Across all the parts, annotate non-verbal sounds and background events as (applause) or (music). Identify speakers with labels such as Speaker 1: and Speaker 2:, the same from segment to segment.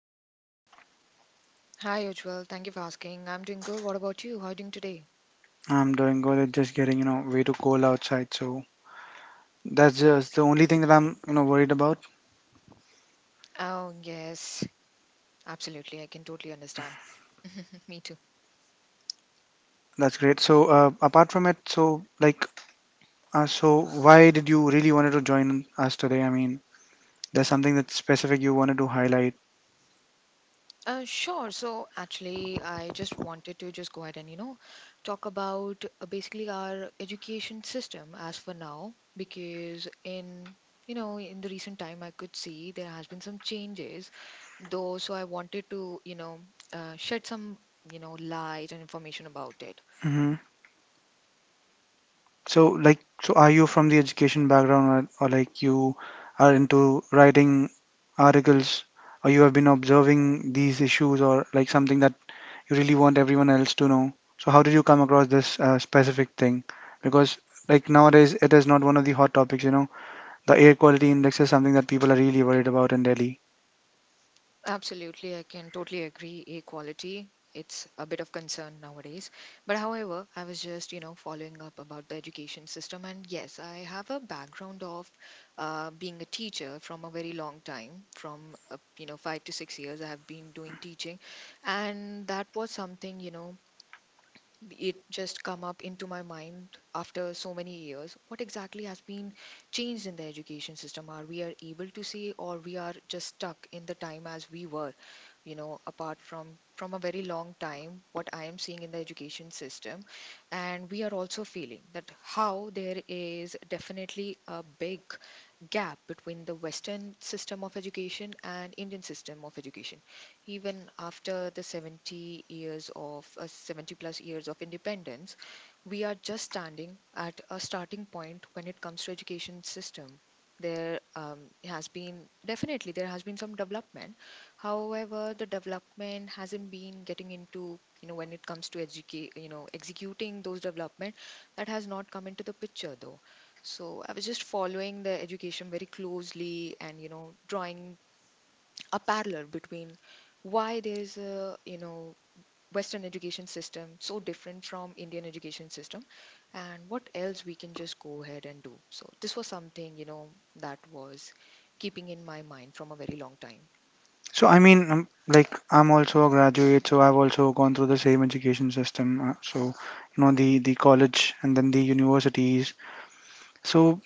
Speaker 1: How are you?
Speaker 2: Hi, Ujjwal. Thank you for asking. I'm doing good. What about you? How are you doing today?
Speaker 1: I'm doing good. It's just getting, you know, way too cold outside. So that's just the only thing that I'm, you know, worried about.
Speaker 2: Oh, yes. Absolutely. I can totally understand. (laughs) Me too.
Speaker 1: That's great. So apart from it, so why did you really wanted to join us today? I mean, there's something that's specific you wanted to highlight.
Speaker 2: Sure. So actually, I just wanted to just go ahead and, you know, talk about basically our education system as for now, because in, you know, in the recent time, I could see there has been some changes, though, so I wanted to, you know, shed some, you know, light and information about it.
Speaker 1: Mm-hmm. So are you from the education background, or like you are into writing articles, or you have been observing these issues, or like something that you really want everyone else to know? So, how did you come across this specific thing? Because like nowadays, it is not one of the hot topics. You know, the air quality index is something that people are really worried about in Delhi.
Speaker 2: Absolutely, I can totally agree. Equality, it's a bit of concern nowadays. But however, I was just, you know, following up about the education system. And yes, I have a background of being a teacher from a very long time, from, you know, 5 to 6 years, I have been doing teaching. And that was something, you know, it just come up into my mind after so many years what exactly has been changed in the education system, are we are able to see or we are just stuck in the time as we were, you know, apart from a very long time what I am seeing in the education system. And we are also feeling that how there is definitely a big gap between the Western system of education and Indian system of education even after the 70 years of 70 plus years of independence, we are just standing at a starting point when it comes to education system. There has been definitely there has been some development. However, the development hasn't been getting into, you know, when it comes to educate, you know, executing those development, that has not come into the picture though. So I was just following the education very closely and, you know, drawing a parallel between why there's a, you know, Western education system so different from Indian education system, and what else we can just go ahead and do. So this was something, you know, that was keeping in my mind from a very long time.
Speaker 1: So, I mean, like, I'm also a graduate, so I've also gone through the same education system. You know, the college and then the universities. So,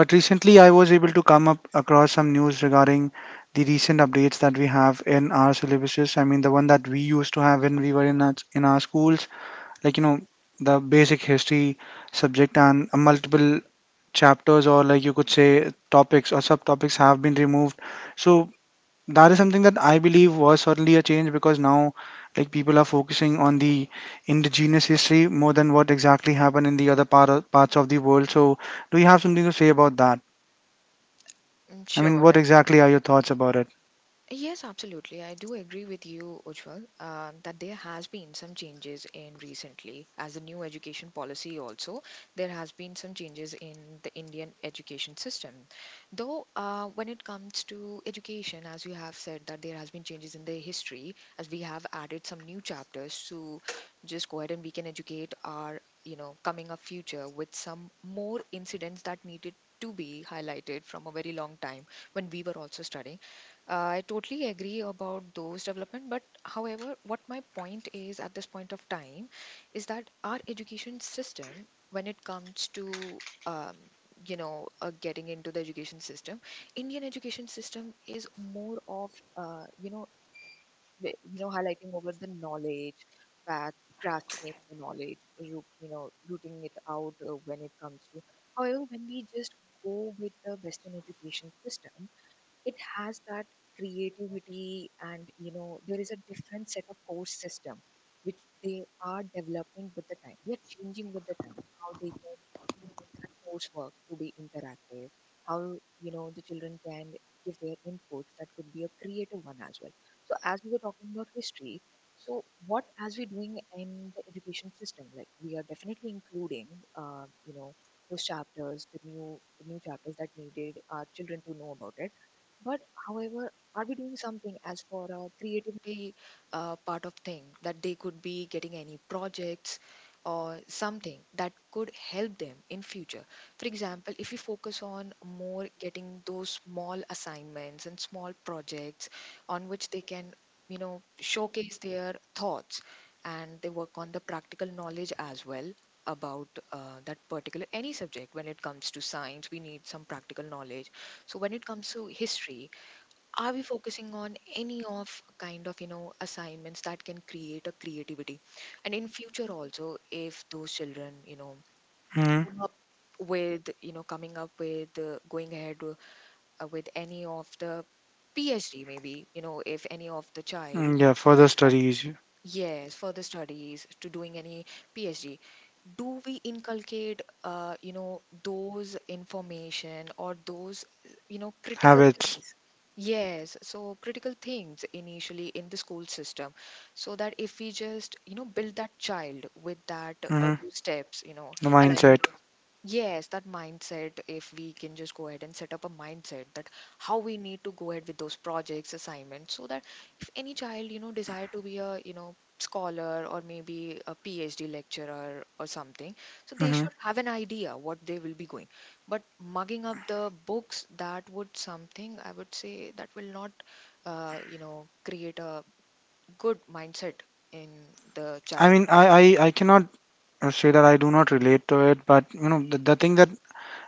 Speaker 1: but recently I was able to come up across some news regarding the recent updates that we have in our syllabuses. I mean, the one that we used to have when we were in our schools, like you know, the basic history subject and multiple chapters or like you could say topics or subtopics have been removed. So that is something that I believe was certainly a change because now like people are focusing on the indigenous history more than what exactly happened in the other parts of the world. So do you have something to say about that? I mean,
Speaker 2: Sure.
Speaker 1: what
Speaker 2: I
Speaker 1: exactly are your thoughts about it?
Speaker 2: yes, absolutely. I do agree with you, Ujjwal, that there has been some changes in recently as a new education policy also. There has been some changes in the Indian education system. Though when it comes to education, as you have said that there has been changes in the history as we have added some new chapters to just go ahead and we can educate our, you know, coming up future with some more incidents that needed to be highlighted from a very long time when we were also studying. I totally agree about those development, but however, what my point is at this point of time is that our education system, when it comes to um, you know, getting into the education system, Indian education system is more of, you know, you know, highlighting over the knowledge that grasping the knowledge, you know, rooting it out, when it comes to. However, when we just go with the Western education system, it has that creativity and, you know, there is a different set of course system which they are developing with the time, they are changing with the time, how they can, you know, make that coursework to be interactive, how, you know, the children can give their inputs that could be a creative one as well. So as we were talking about history, so what as we're doing in the education system, like we are definitely including, you know, those chapters, the new chapters that needed our children to know about it. But however, are we doing something as for a creativity part of thing that they could be getting any projects or something that could help them in future? For example, if we focus on more getting those small assignments and small projects on which they can, you know, showcase their thoughts and they work on the practical knowledge as well about, that particular any subject. When it comes to science, we need some practical knowledge. So when it comes to history, are we focusing on any of kind of, you know, assignments that can create a creativity, and in future also if those children, you know,
Speaker 1: Hmm.
Speaker 2: come up with, you know, coming up with, going ahead with any of the PhD, maybe, you know, if any of the child.
Speaker 1: Mm, yeah, further studies,
Speaker 2: Yes, further studies to doing any PhD. Do we inculcate, you know, those information or those, you know, critical
Speaker 1: habits,
Speaker 2: things? Yes, so critical things initially in the school system, so that if we just, you know, build that child with that
Speaker 1: hmm,
Speaker 2: those steps, you know,
Speaker 1: the
Speaker 2: aligning.
Speaker 1: mindset.
Speaker 2: Yes, that mindset, if we can just go ahead and set up a mindset that how we need to go ahead with those projects, assignments, so that if any child, you know, desire to be a, you know, scholar or maybe a PhD lecturer or something, so they
Speaker 1: Hmm.
Speaker 2: should have an idea what they will be going. But mugging up the books, that would something, I would say, that will not, you know, create a good mindset in the
Speaker 1: I
Speaker 2: child.
Speaker 1: mean, I, I cannot say that I do not relate to it, but you know, the thing that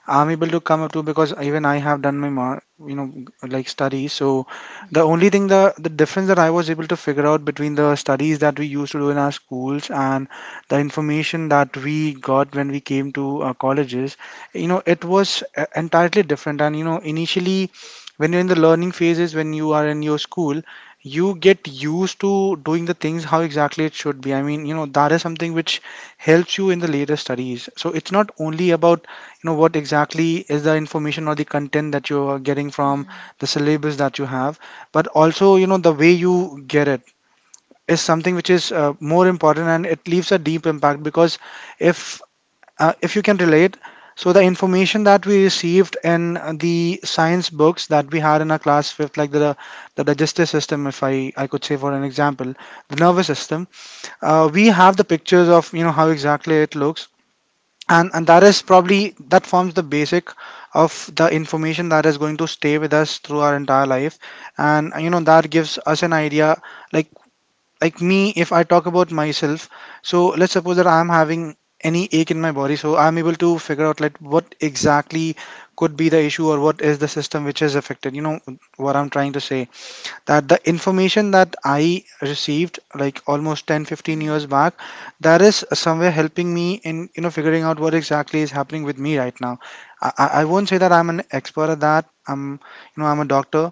Speaker 1: I'm able to come up to because even I have done you know, like study. So
Speaker 2: Mm-hmm.
Speaker 1: the only thing, the difference that I was able to figure out between the studies that we used to do in our schools and the information that we got when we came to colleges, you know, it was entirely different. And you know, initially, when you're in the learning phases, when you are in your school, you get used to doing the things how exactly it should be. I mean, you know, that is something which helps you in the later studies. So it's not only about know what exactly is the information or the content that you are getting from
Speaker 2: Hmm.
Speaker 1: the syllabus that you have, but also you know the way you get it is something which is more important, and it leaves a deep impact because if if you can relate, so the information that we received in the science books that we had in our class fifth, like the digestive system, if I could say, for an example, the nervous system. We have the pictures of, you know, how exactly it looks, and that is probably, that forms the basic of the information that is going to stay with us through our entire life. And you know, that gives us an idea, like like me, if I talk about myself. So let's suppose that I'm having any ache in my body, so I'm able to figure out like what exactly could be the issue or what is the system which is affected. You know what I'm trying to say, that the information that I received like almost 10 15
Speaker 2: Hmm.
Speaker 1: years back, that is somewhere helping me in, you know, figuring out what exactly is happening with me right now. I won't say that I'm an expert at that, I'm, you know, I'm a doctor,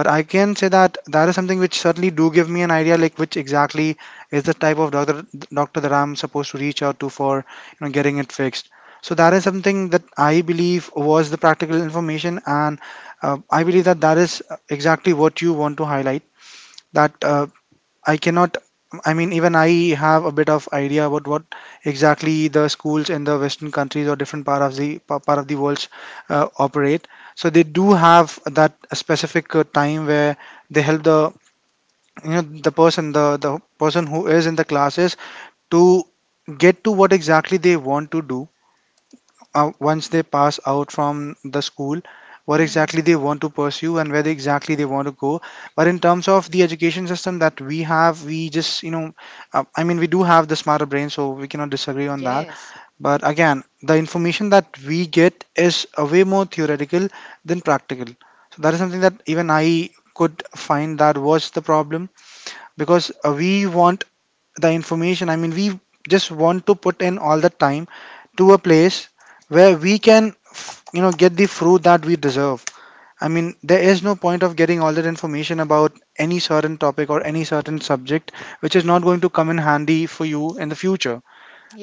Speaker 1: but I can say that that is something which certainly do give me an idea, like which exactly is the type of doctor that I'm supposed to reach out to for, you know, getting it fixed. So that is something that I believe was the practical information. And I believe that that is exactly what you want to highlight. That I cannot. I mean, even I have a bit of idea about what exactly the schools in the Western countries or different part of the world operate. So they do have that specific time where they help the, you know, the person, the person who is in the classes to get to what exactly they want to do once they pass out from the school, what exactly
Speaker 2: Hmm.
Speaker 1: they want to pursue, and where they exactly they want to go. But in terms of the education system that we have, we just, you know, I mean, we do have the smarter brain, so we cannot disagree on that.
Speaker 2: Yes.
Speaker 1: But again, the information that we get is a way more theoretical than practical. So that is something that even I could find that was the problem, because we want the information. I mean, we just want to put in all the time to a place where we can you know, get the fruit that we deserve. I mean, there is no point of getting all that information about any certain topic or any certain subject which is not going to come in handy for you in the future,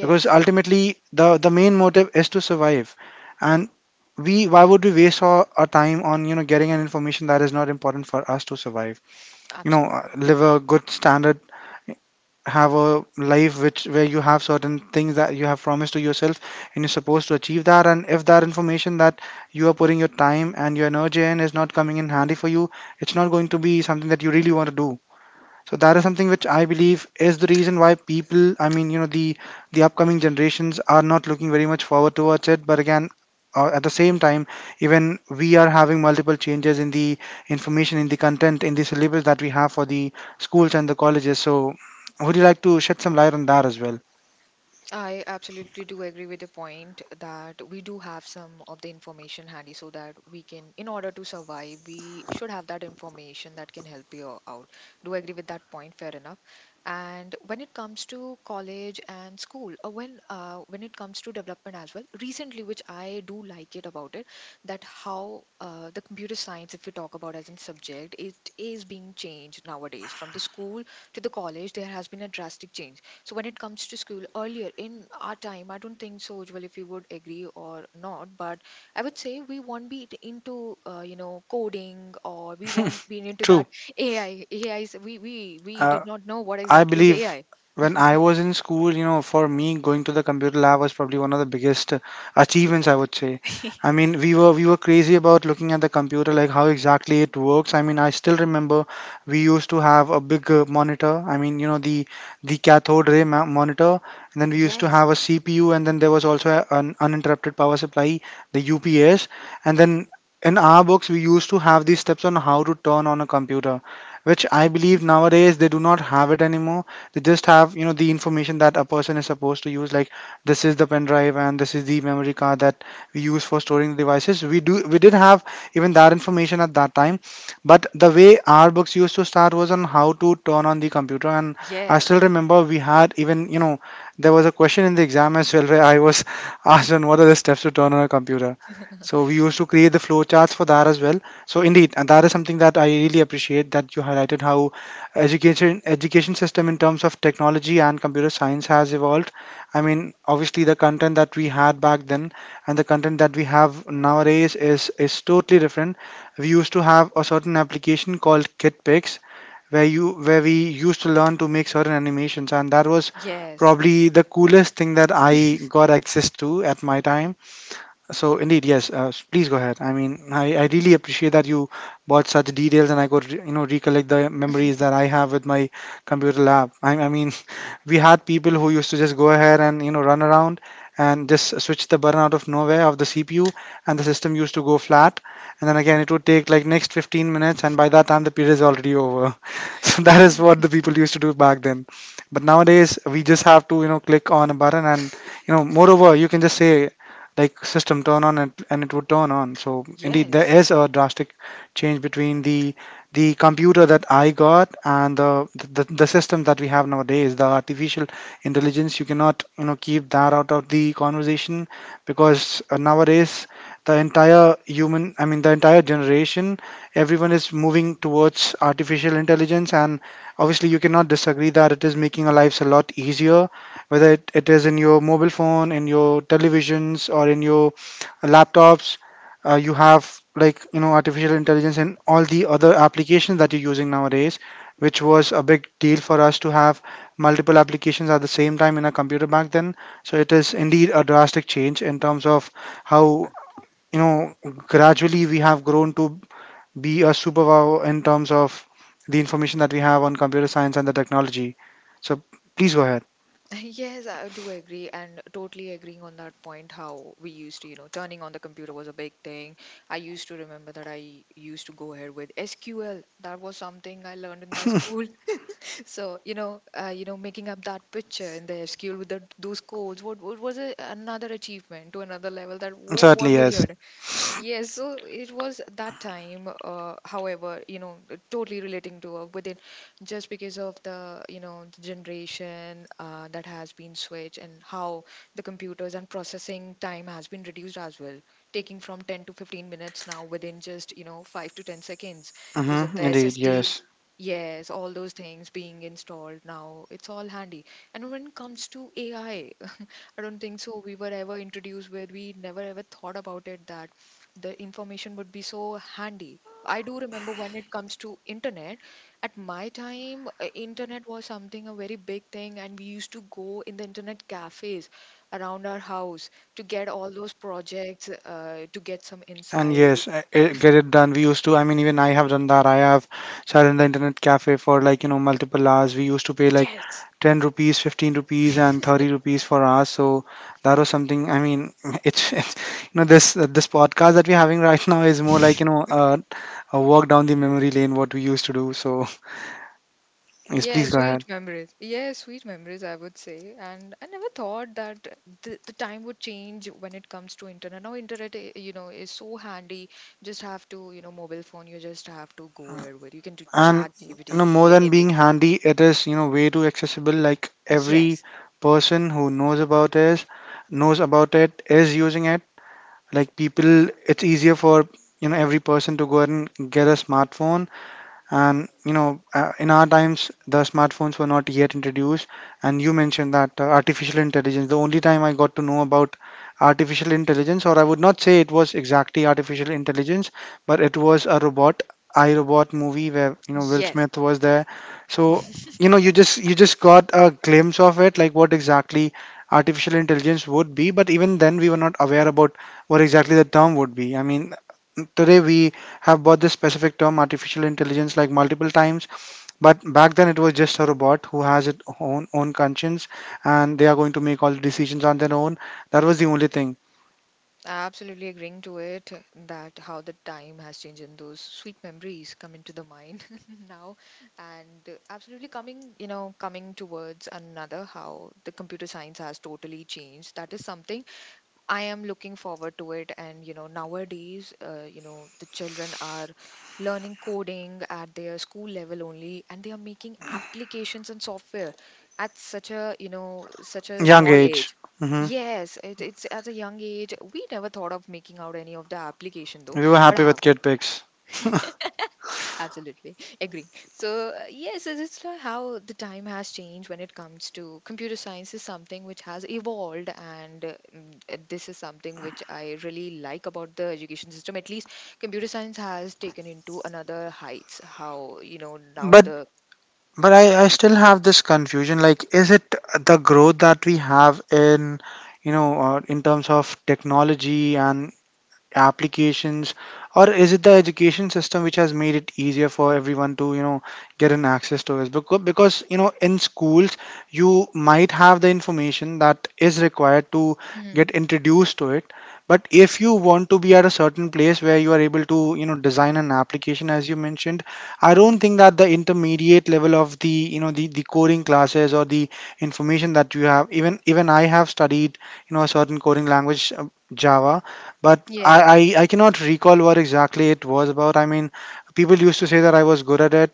Speaker 1: because ultimately the main motive is to survive. And we, why would we waste our time on, you know, getting an information that is not important for us to survive, you know?
Speaker 2: absolutely.
Speaker 1: Live a good standard, have a life which, where you have certain things that you have promised to yourself, and you're supposed to achieve that. And if that information that you are putting your time and your energy in is not coming in handy for you, it's not going to be something that you really want to do. So that is something which I believe is the reason why people, I mean, you know, the upcoming generations are not looking very much forward towards it. But again, at the same time, even we are having multiple changes in the information, in the content, in the syllabus that we have for the schools and the colleges. So would you like to shed some light on that as well?
Speaker 2: I absolutely do agree with the point that we do have some of the information handy so that we can, in order to survive, we should have that information that can help you out. Do agree with that point, fair enough. And when it comes to college and school, when it comes to development as well, recently, which I do like it about it, that how, the computer science, if you talk about as a subject, it is being changed nowadays from the school to the college. There has been a drastic change. So when it comes to school earlier in our time, I don't think so, Ujjwal, if you would agree or not, but I would say we won't be into you know, coding, or we won't be into
Speaker 1: True.
Speaker 2: that (laughs) AI. AI is we
Speaker 1: Uh,
Speaker 2: did not know what
Speaker 1: I
Speaker 2: exactly is
Speaker 1: believe
Speaker 2: AI.
Speaker 1: when I was in school, you know, for me going to the computer lab was probably one of the biggest achievements, I would say. I
Speaker 2: (laughs)
Speaker 1: mean, we were crazy about looking at the computer, like how exactly it works. I mean, I still remember we used to have a big monitor. I mean, you know, the monitor, and then we used to
Speaker 2: Yes,
Speaker 1: have a CPU, and then there was also an uninterrupted power supply, the UPS, and then in our books we used to have these steps on how to turn on a computer, which I believe nowadays they do not have it anymore. They just have, you know, the information that a person is supposed to use, like this is the pen drive and this is the memory card that we use for storing the devices. We did have even that information at that time, but the way our books used to start was on how to turn on the computer. And I
Speaker 2: yes,
Speaker 1: still remember we had even, you know, there was a question in the exam as well where I was (laughs) asked on what are the steps to turn on a computer. So we used to create the flow charts for that as well. So indeed, and that is something that I really appreciate that you highlighted how education system in terms of technology and computer science has evolved. I mean, obviously the content that we had back then and the content that we have nowadays is totally different. We used to have a certain application called KitPix where you where we used to learn to make certain animations, and that was
Speaker 2: yes.
Speaker 1: probably the coolest thing that I got access to at my time. So indeed, yes. Please go ahead. I mean, I really appreciate that you brought such details, and I could you know, recollect the memories that I have with my computer lab. I mean, (laughs) we had people who used to just go ahead and, you know, run around and just switch the button out of nowhere of the CPU, and the system used to go flat. And then again, it would take like next 15 minutes, and by that time the period is already over. (laughs) So that is
Speaker 2: Mm.
Speaker 1: what the people used to do back then. But nowadays, we just have to click on a button, and moreover, you can just say like system turn on and it would turn on. So indeed there
Speaker 2: Yes.
Speaker 1: is a drastic change between the computer that I got and the system that we have nowadays. The artificial intelligence, you cannot keep that out of the conversation because nowadays the entire human I mean the entire generation, everyone is moving towards artificial intelligence, and obviously you cannot disagree that it is making our lives a lot easier, whether it is in your mobile phone, in your televisions, or in your laptops. You have like artificial intelligence and all the other applications that you're using nowadays, which was a big deal for us to have multiple applications at the same time in a computer back then. So it is indeed a drastic change in terms of how gradually we have grown to be a superpower in terms of the information that we have on computer science and the technology. So please go ahead.
Speaker 2: (laughs) Yes, I do agree and totally agreeing on that point how we used to, you know, turning on the computer was a big thing. I used to remember that I used to go ahead with SQL. That was something I learned in my school. So you know, you know, making up that picture in the SQL with the, those codes, what was a, another achievement to another level that whoa,
Speaker 1: Certainly,
Speaker 2: what would you
Speaker 1: yes.
Speaker 2: have done? Yes, so it was at that time. However, you know, totally relating to, within, just because of the, you know, the generation that has been switched and how the computers and processing time has been reduced as well, taking from 10 to 15 minutes, now within just, you know, 5 to 10 seconds because of the
Speaker 1: Mm-hmm, indeed,
Speaker 2: SSD.
Speaker 1: yes.
Speaker 2: Yes, all those things being installed now, it's all handy. And when it comes to AI, I don't think so. We were ever introduced where we never ever thought about it that the information would be so handy. I do remember when it comes to internet, at my time, internet was something a very big thing, and we used to go in the internet cafes around our house to get all those projects, to get some
Speaker 1: And
Speaker 2: insight.
Speaker 1: yes, get it done. We used to, I mean, even I have done that. I have sat in the internet cafe for like, you know, multiple hours. We used to pay like
Speaker 2: Yes,
Speaker 1: 10 rupees, 15 rupees, and 30 rupees for hours. So that was something, I mean, (laughs) it's this this podcast that we're having (laughs) right now is more like, you know, a walk down the memory lane, what we used to do. So (laughs) yes,
Speaker 2: yeah,
Speaker 1: please go ahead.
Speaker 2: sweet memories. Yeah, sweet memories, I would say. And I never thought that the time would change when it comes to internet. Now internet, you know, is so handy. You just have to, you know, mobile phone, you just have to go here with. You can do
Speaker 1: And
Speaker 2: chat
Speaker 1: more
Speaker 2: GPT,
Speaker 1: than being
Speaker 2: anything.
Speaker 1: handy, it is way too accessible. Like every
Speaker 2: Yes,
Speaker 1: person who knows about it is using it. Like, people, it's easier for every person to go ahead and get a smartphone. And in our times the smartphones were not yet introduced. And you mentioned that artificial intelligence, the only time I got to know about artificial intelligence, or I would not say it was exactly artificial intelligence, but it was a robot, I, Robot movie where Will
Speaker 2: yes.
Speaker 1: Smith was there. So you just got a glimpse of it, like what exactly artificial intelligence would be. But even then, we were not aware about what exactly the term would be. I mean, today we have bought this specific term, artificial intelligence, like multiple times. But back then it was just a robot who has its own conscience and they are going to make all the decisions on their own. That was the only thing.
Speaker 2: Absolutely agreeing to it that how the time has changed and those sweet memories come into the mind (laughs) now. And absolutely coming, you know, coming towards another how the computer science has totally changed, that is something I am looking forward to it. And, you know, nowadays, you know, the children are learning coding at their school level only, and they are making applications and software at such a, you know, such a
Speaker 1: Young
Speaker 2: small
Speaker 1: age.
Speaker 2: age.
Speaker 1: Hmm.
Speaker 2: Yes, it's at a young age. We never thought of making out any of the application though,
Speaker 1: We were
Speaker 2: but
Speaker 1: happy with
Speaker 2: how?
Speaker 1: kid pics (laughs)
Speaker 2: (laughs) Absolutely. Agree. So, yes, it's like how the time has changed when it comes to computer science is something which has evolved. And this is something which I really like about the education system. At least computer science has taken into another heights. How, you know, now
Speaker 1: but
Speaker 2: the.
Speaker 1: I, still have this confusion, like is it the growth that we have in in terms of technology and applications, or is it the education system which has made it easier for everyone to get an access to this? Because, you know, in schools you might have the information that is required to get
Speaker 2: Mhm,
Speaker 1: introduced to it. But if you want to be at a certain place where you are able to design an application as you mentioned, I don't
Speaker 2: mhm.
Speaker 1: think that the intermediate level of the the coding classes or the information that you have, even I have studied a certain coding language, Java. But I,
Speaker 2: Yes.
Speaker 1: I I cannot recall what exactly it was about. I mean, people used to say that I was good at it.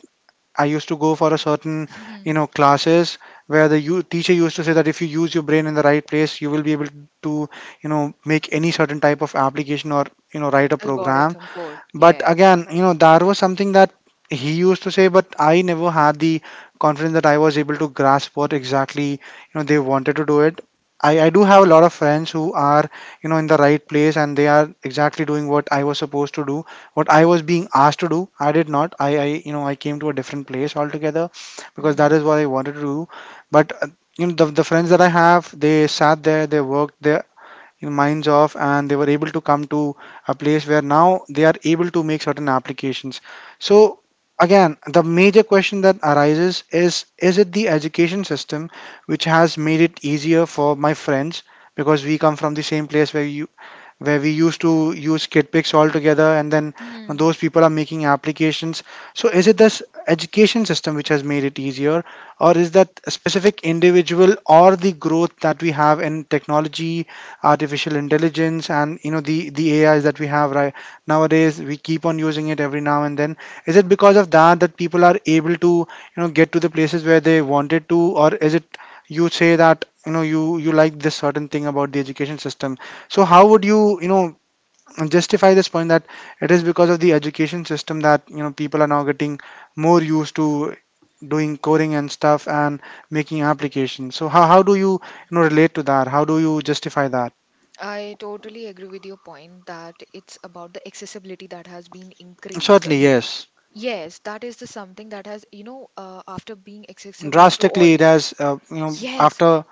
Speaker 1: I used to go for a certain
Speaker 2: Mhm.
Speaker 1: classes where the teacher used to say that if you use your brain in the right place, you will be able to make any certain type of application or write a program.
Speaker 2: Algorithm code.
Speaker 1: But
Speaker 2: Yes.
Speaker 1: again, you know, that was something that he used to say, but I never had the confidence that I was able to grasp what exactly, you know, they wanted to do it. I do have a lot of friends who are, you know, in the right place, and they are exactly doing what I was supposed to do, what I was being asked to do. I did not. I I came to a different place altogether because that
Speaker 2: Mhm,
Speaker 1: is what I wanted to do. But, you know, the friends that I have, they sat there, they worked there, you know, minds off, and they were able to come to a place where now they are able to make certain applications. So again, the major question that arises is it the education system which has made it easier for my friends? Because we come from the same place where you where we used to use KitPix all together, and then you know,
Speaker 2: mhm.
Speaker 1: those people are making applications. So is it this education system which has made it easier, or is that a specific individual or the growth that we have in technology, artificial intelligence, and you know the AIs that we have right nowadays? We keep on using it every now and then. Is it because of that, that people are able to get to the places where they wanted to? Or is it you say that you know you like this certain thing about the education system? So how would you you know justify this point that it is because of the education system that you know people are now getting more used to doing coding and stuff and making applications? So how do you you know relate to that? How do you justify that?
Speaker 2: I totally agree with your point that it's about the accessibility that has been increased.
Speaker 1: Certainly, yes.
Speaker 2: Yes, that is the something that has, after being accessible to all
Speaker 1: Drastically, it
Speaker 2: these
Speaker 1: has, you
Speaker 2: things.
Speaker 1: know,
Speaker 2: Yes.
Speaker 1: after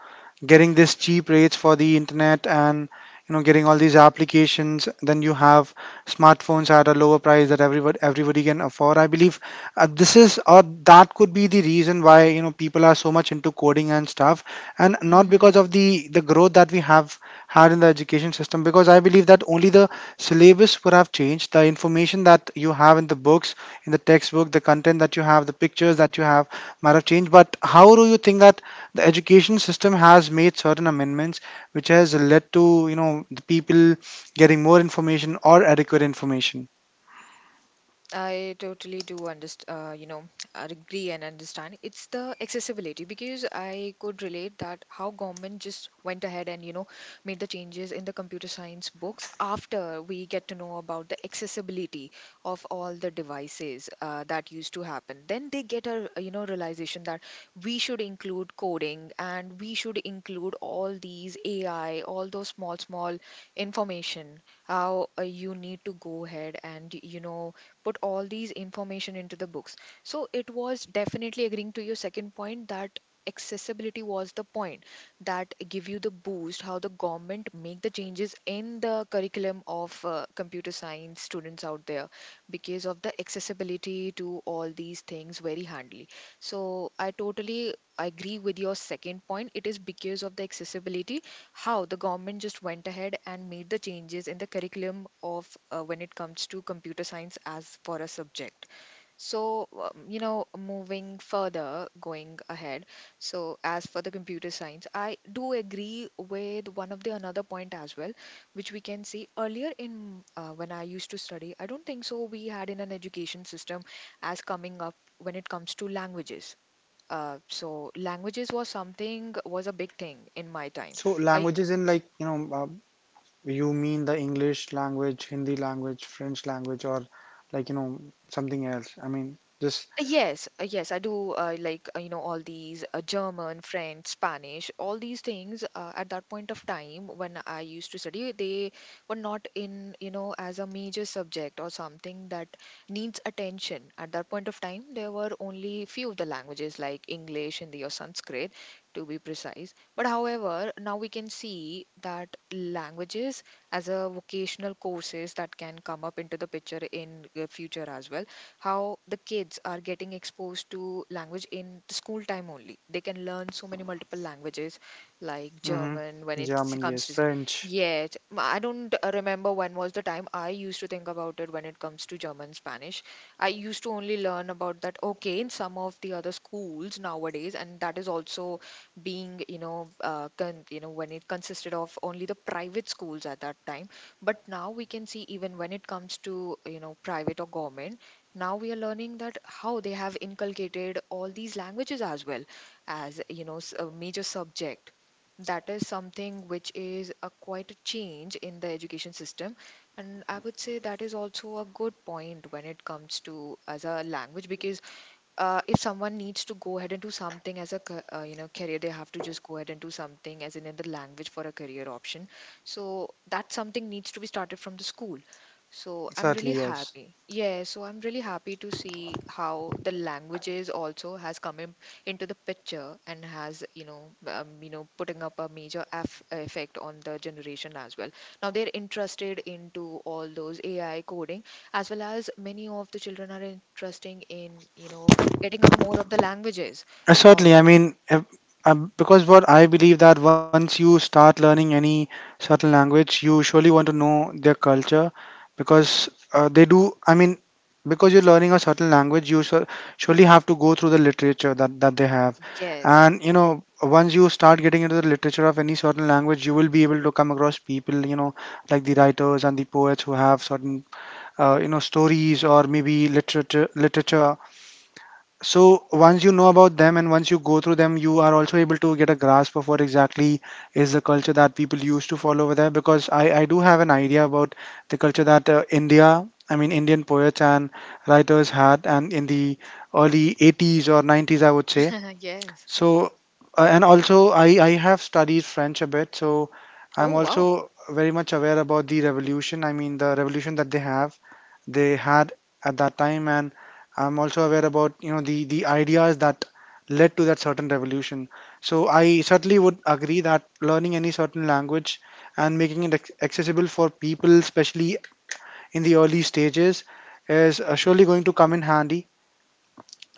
Speaker 1: getting this cheap rates for the internet and, you know, getting all these applications, then you have smartphones at a lower price that everybody can afford. I believe this is or that could be the reason why, you know, people are so much into coding and stuff, and not because of
Speaker 2: Mhm.
Speaker 1: the growth that we have had in the education system, because I believe that only the syllabus would have changed. The information that you have in the books, in the textbook, the content that you have, the pictures that you have might have changed. But how do you think that the education system has made certain amendments, which has led to you know the people getting more information or adequate information?
Speaker 2: I totally do understand, I agree and understand. It's the accessibility because I could relate that how government just went ahead and, you know, made the changes in the computer science books after we get to know about the accessibility of all the devices that used to happen. Then they get a, you know, realization that we should include coding and we should include all these AI, all those small, small information, how you need to go ahead and, you know, put all these information into the books, so it was definitely agreeing to your second point that accessibility was the point that give you the boost, how the government make the changes in the curriculum of computer science students out there because of the accessibility to all these things very handily. So I totally agree with your second point, it is because of the accessibility how the government just went ahead and made the changes in the curriculum of when it comes to computer science as for a subject. So you know, moving further, going ahead, so as for the computer science, I do agree with one of the another point as well, which we can see earlier in when I used to study, I don't think so we had in an education system as coming up when it comes to languages. So languages was something, was a big thing in my time.
Speaker 1: So
Speaker 2: I
Speaker 1: languages in like you know you mean the English language, Hindi language, French language, or like you know something else. I mean just
Speaker 2: Yes, I do like you know, all these German, French, Spanish, all these things at that point of time when I used to study, they were not in, you know, as a major subject or something that needs attention. At that point of time, there were only few of the languages like English, Hindi, or Sanskrit, to be precise. But however, now we can see that languages as a vocational courses that can come up into the picture in future as well, how the kids are getting exposed to language in the school time only. They can learn so many multiple languages like
Speaker 1: hmm.
Speaker 2: German when it
Speaker 1: German,
Speaker 2: comes
Speaker 1: yes,
Speaker 2: to.
Speaker 1: French,
Speaker 2: Yes, I don't remember when was the time I used to think about it when it comes to German, Spanish. I used to only learn about that, okay, in some of the other schools nowadays, and that is also being, you know, you know, when it consisted of only the private schools at that time. But now we can see even when it comes to, you know, private or government, now we are learning that how they have inculcated all these languages as well as, you know, a major subject. That is something which is a quite a change in the education system, and I would say that is also a good point when it comes to as a language because if someone needs to go ahead and do something as a you know, career, they have to just go ahead and do something as in the language for a career option. So that something needs to be started from the school. So
Speaker 1: certainly yes.
Speaker 2: I'm really happy to see how the languages also has come in, into the picture and has, you know, you know, putting up a major aff effect on the generation as well. Now they're interested into all those AI coding as well as many of the children are interesting in, you know, getting up more of the languages. Oh,
Speaker 1: Certainly, I mean, if, because what I believe that once you start learning any certain language, you surely want to know their culture because they do. I mean, because you're learning a certain language, you surely have to go through the literature that, they have.
Speaker 2: yes.
Speaker 1: And, you know, once you start getting into the literature of any certain language, you will be able to come across people, you know, like the writers and the poets who have certain you know stories or maybe literature. So once you know about them and once you go through them, you are also able to get a grasp of what exactly is the culture that people used to follow over there. Because I do have an idea about the culture that India, I mean Indian poets and writers had, and in the early 80s or 90s, I would say.
Speaker 2: (laughs) yes.
Speaker 1: So, and also I have studied French a bit, so I'm
Speaker 2: Oh, wow.
Speaker 1: also very much aware about the revolution. I mean, the revolution that they they had at that time, and I'm also aware about, you know, the ideas that led to that certain revolution. So I certainly would agree that learning any certain language and making it accessible for people, especially in the early stages, is surely going to come in handy.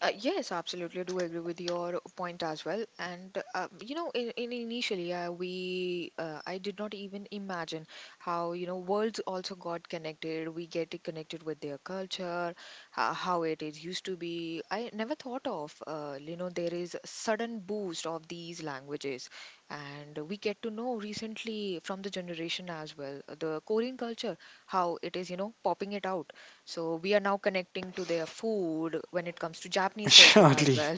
Speaker 2: Yes, absolutely. I do agree with your point as well. And you know, in initially, we I did not even imagine how, you know, worlds also got connected. We get connected with their culture, how it is used to be. I never thought of you know, there is a sudden boost of these languages, and we get to know recently from the generation as well, the Korean culture, how it is, you know, popping it out. So we are now connecting to their food when it comes to
Speaker 1: (laughs)
Speaker 2: Japanese culture as
Speaker 1: Surely.
Speaker 2: well.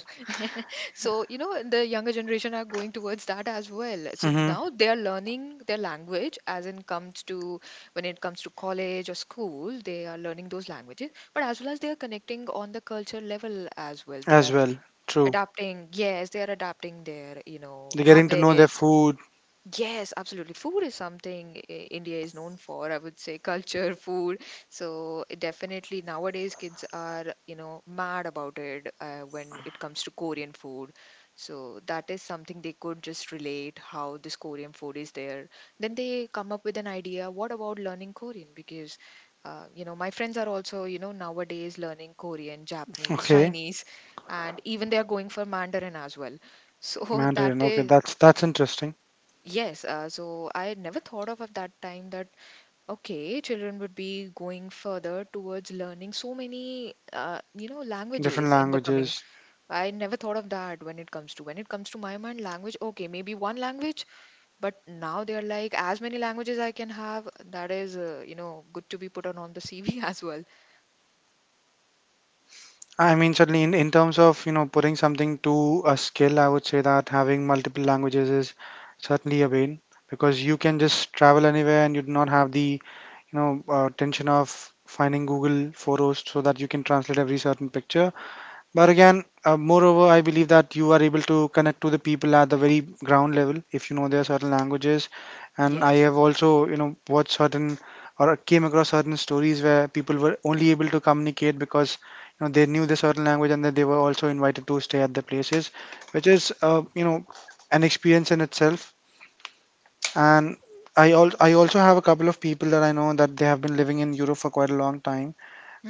Speaker 2: (laughs) so, you know, the younger generation are going towards that as well. So
Speaker 1: Hmm.
Speaker 2: now they are learning their language as in comes to, when it comes to college or school, they are learning those languages, but as well as they are connecting on the culture level as well. They
Speaker 1: As
Speaker 2: are
Speaker 1: well. True.
Speaker 2: adapting, yes, they are adapting their, you know,
Speaker 1: They're getting to know their
Speaker 2: habits.
Speaker 1: food.
Speaker 2: Yes, absolutely. Food is something I- India is known for, I would say, (laughs) culture, food. So definitely nowadays kids are, you know, mad about it when it comes to Korean food. So that is something they could just relate how this Korean food is there. Then they come up with an idea, what about learning Korean? Because you know, my friends are also, you know, nowadays learning Korean, Japanese,
Speaker 1: Okay,
Speaker 2: Chinese, and even they are going for Mandarin as well. So (laughs) that
Speaker 1: Mandarin. Okay,
Speaker 2: is...
Speaker 1: that's interesting.
Speaker 2: Yes, so I never thought of at that time that okay, children would be going further towards learning so many you know,
Speaker 1: Different
Speaker 2: languages in the coming.
Speaker 1: languages.
Speaker 2: I never thought of that when it comes to my mind language. Okay, maybe one language, but now they are like as many languages I can have. That is you know, good to be put on the (laughs) CV as well.
Speaker 1: I mean, certainly in, terms of you know putting something to a skill, I would say that having multiple languages is certainly a win because you can just travel anywhere and you do not have the tension of finding Google photos so that you can translate every certain picture. But again, moreover, I believe that you are able to connect to the people at the very ground level if you know their certain languages. And I
Speaker 2: Yes.
Speaker 1: have also, you know, watched certain or came across certain stories where people were only able to communicate because you know they knew the certain language, and that they were also invited to stay at the places, which is, you know, an experience in itself. And I also have a couple of people that I know that they have been living in Europe for quite a long time,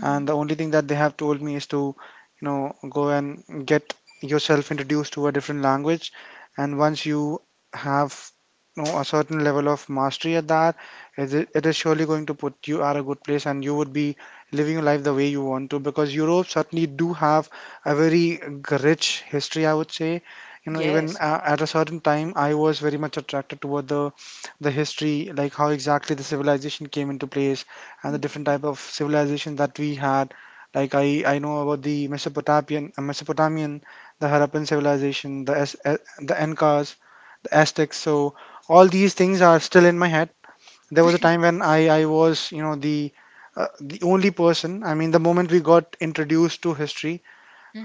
Speaker 1: and the only thing that they have told me is to go and get yourself introduced to a different language. And once you have, a certain level of mastery at that, it is surely going to put you at a good place, and you would be living your life the way you want to, because Europe certainly do have a very rich history, I would say. Even
Speaker 2: Yes.
Speaker 1: at a certain time I was very much attracted toward the history, like how exactly the civilization came into place and the different type of civilization that we had. Like I know about the Mesopotamian, Mesopotamian, the Harappan civilization, the the Incas, the Aztecs. So all these things are still in my head. There was a time when I was, the only person. I mean, the moment we got introduced to history,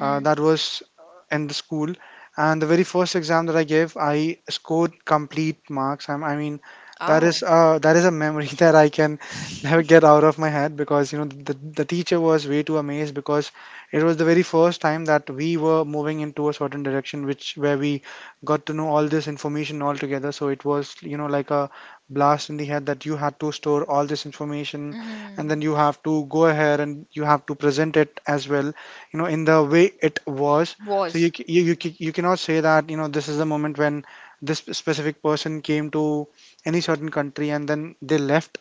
Speaker 1: that was in the school, and the very first exam that I gave, I scored complete marks. I mean, that
Speaker 2: Oh.
Speaker 1: is that is a memory (laughs) that I can never get out of my head, because the teacher was way too amazed, because it was the very first time that we were moving into a certain direction which, where we got to know all this information all together. So it was, like a blast in the head, that you had to store all this information and
Speaker 2: Mm-hmm.
Speaker 1: then you have to go ahead and you have to present it as well, in the way it was. So you
Speaker 2: Was.
Speaker 1: ca- you you, ca- you cannot say that, this is the moment when this specific person came to any certain country and then they left,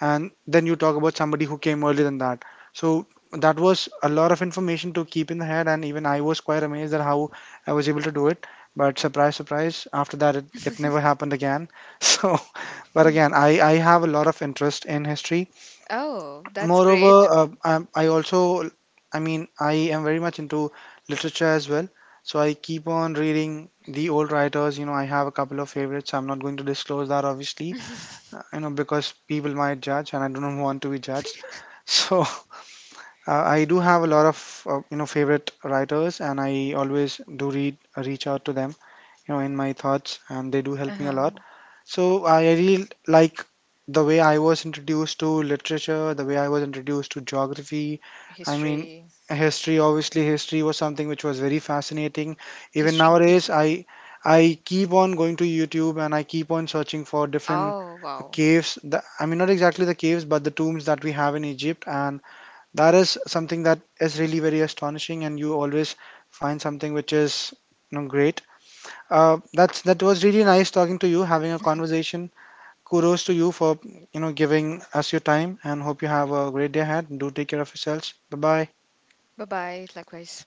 Speaker 1: and then you talk about somebody who came earlier than that. So that was a lot of information to keep in the head, and even I was quite amazed at how I was able to do it. But surprise surprise, after that it never happened again. (laughs) So, but again i have a lot of interest in history.
Speaker 2: Oh, that's
Speaker 1: Moreover,
Speaker 2: great to know.
Speaker 1: I also, I mean, I am very much into literature as well. So I keep on reading the old writers. You know, I have a couple of favorites. I'm not going to disclose that, obviously, because people might judge and I don't (laughs) want to be judged. (laughs) So I do have a lot of favorite writers, and I always do read reach out to them, you know, in my thoughts, and they do help me a
Speaker 2: Uh-huh.
Speaker 1: lot. So I really like the way I was introduced to literature, the way I was introduced to geography. I mean,
Speaker 2: History.
Speaker 1: history. Obviously, history was something which was very fascinating. Even
Speaker 2: History geek.
Speaker 1: nowadays, I keep on going to YouTube and I keep on searching for different
Speaker 2: Oh, wow.
Speaker 1: caves. I mean, not exactly the caves, but the tombs that we have in Egypt, and that is something that is really very astonishing, and you always find something which is, great. That was really nice talking to you, having a conversation. Kudos to you for giving us your time, and hope you have a great day ahead. Do take care of yourselves. Bye bye.
Speaker 2: Bye bye. Likewise.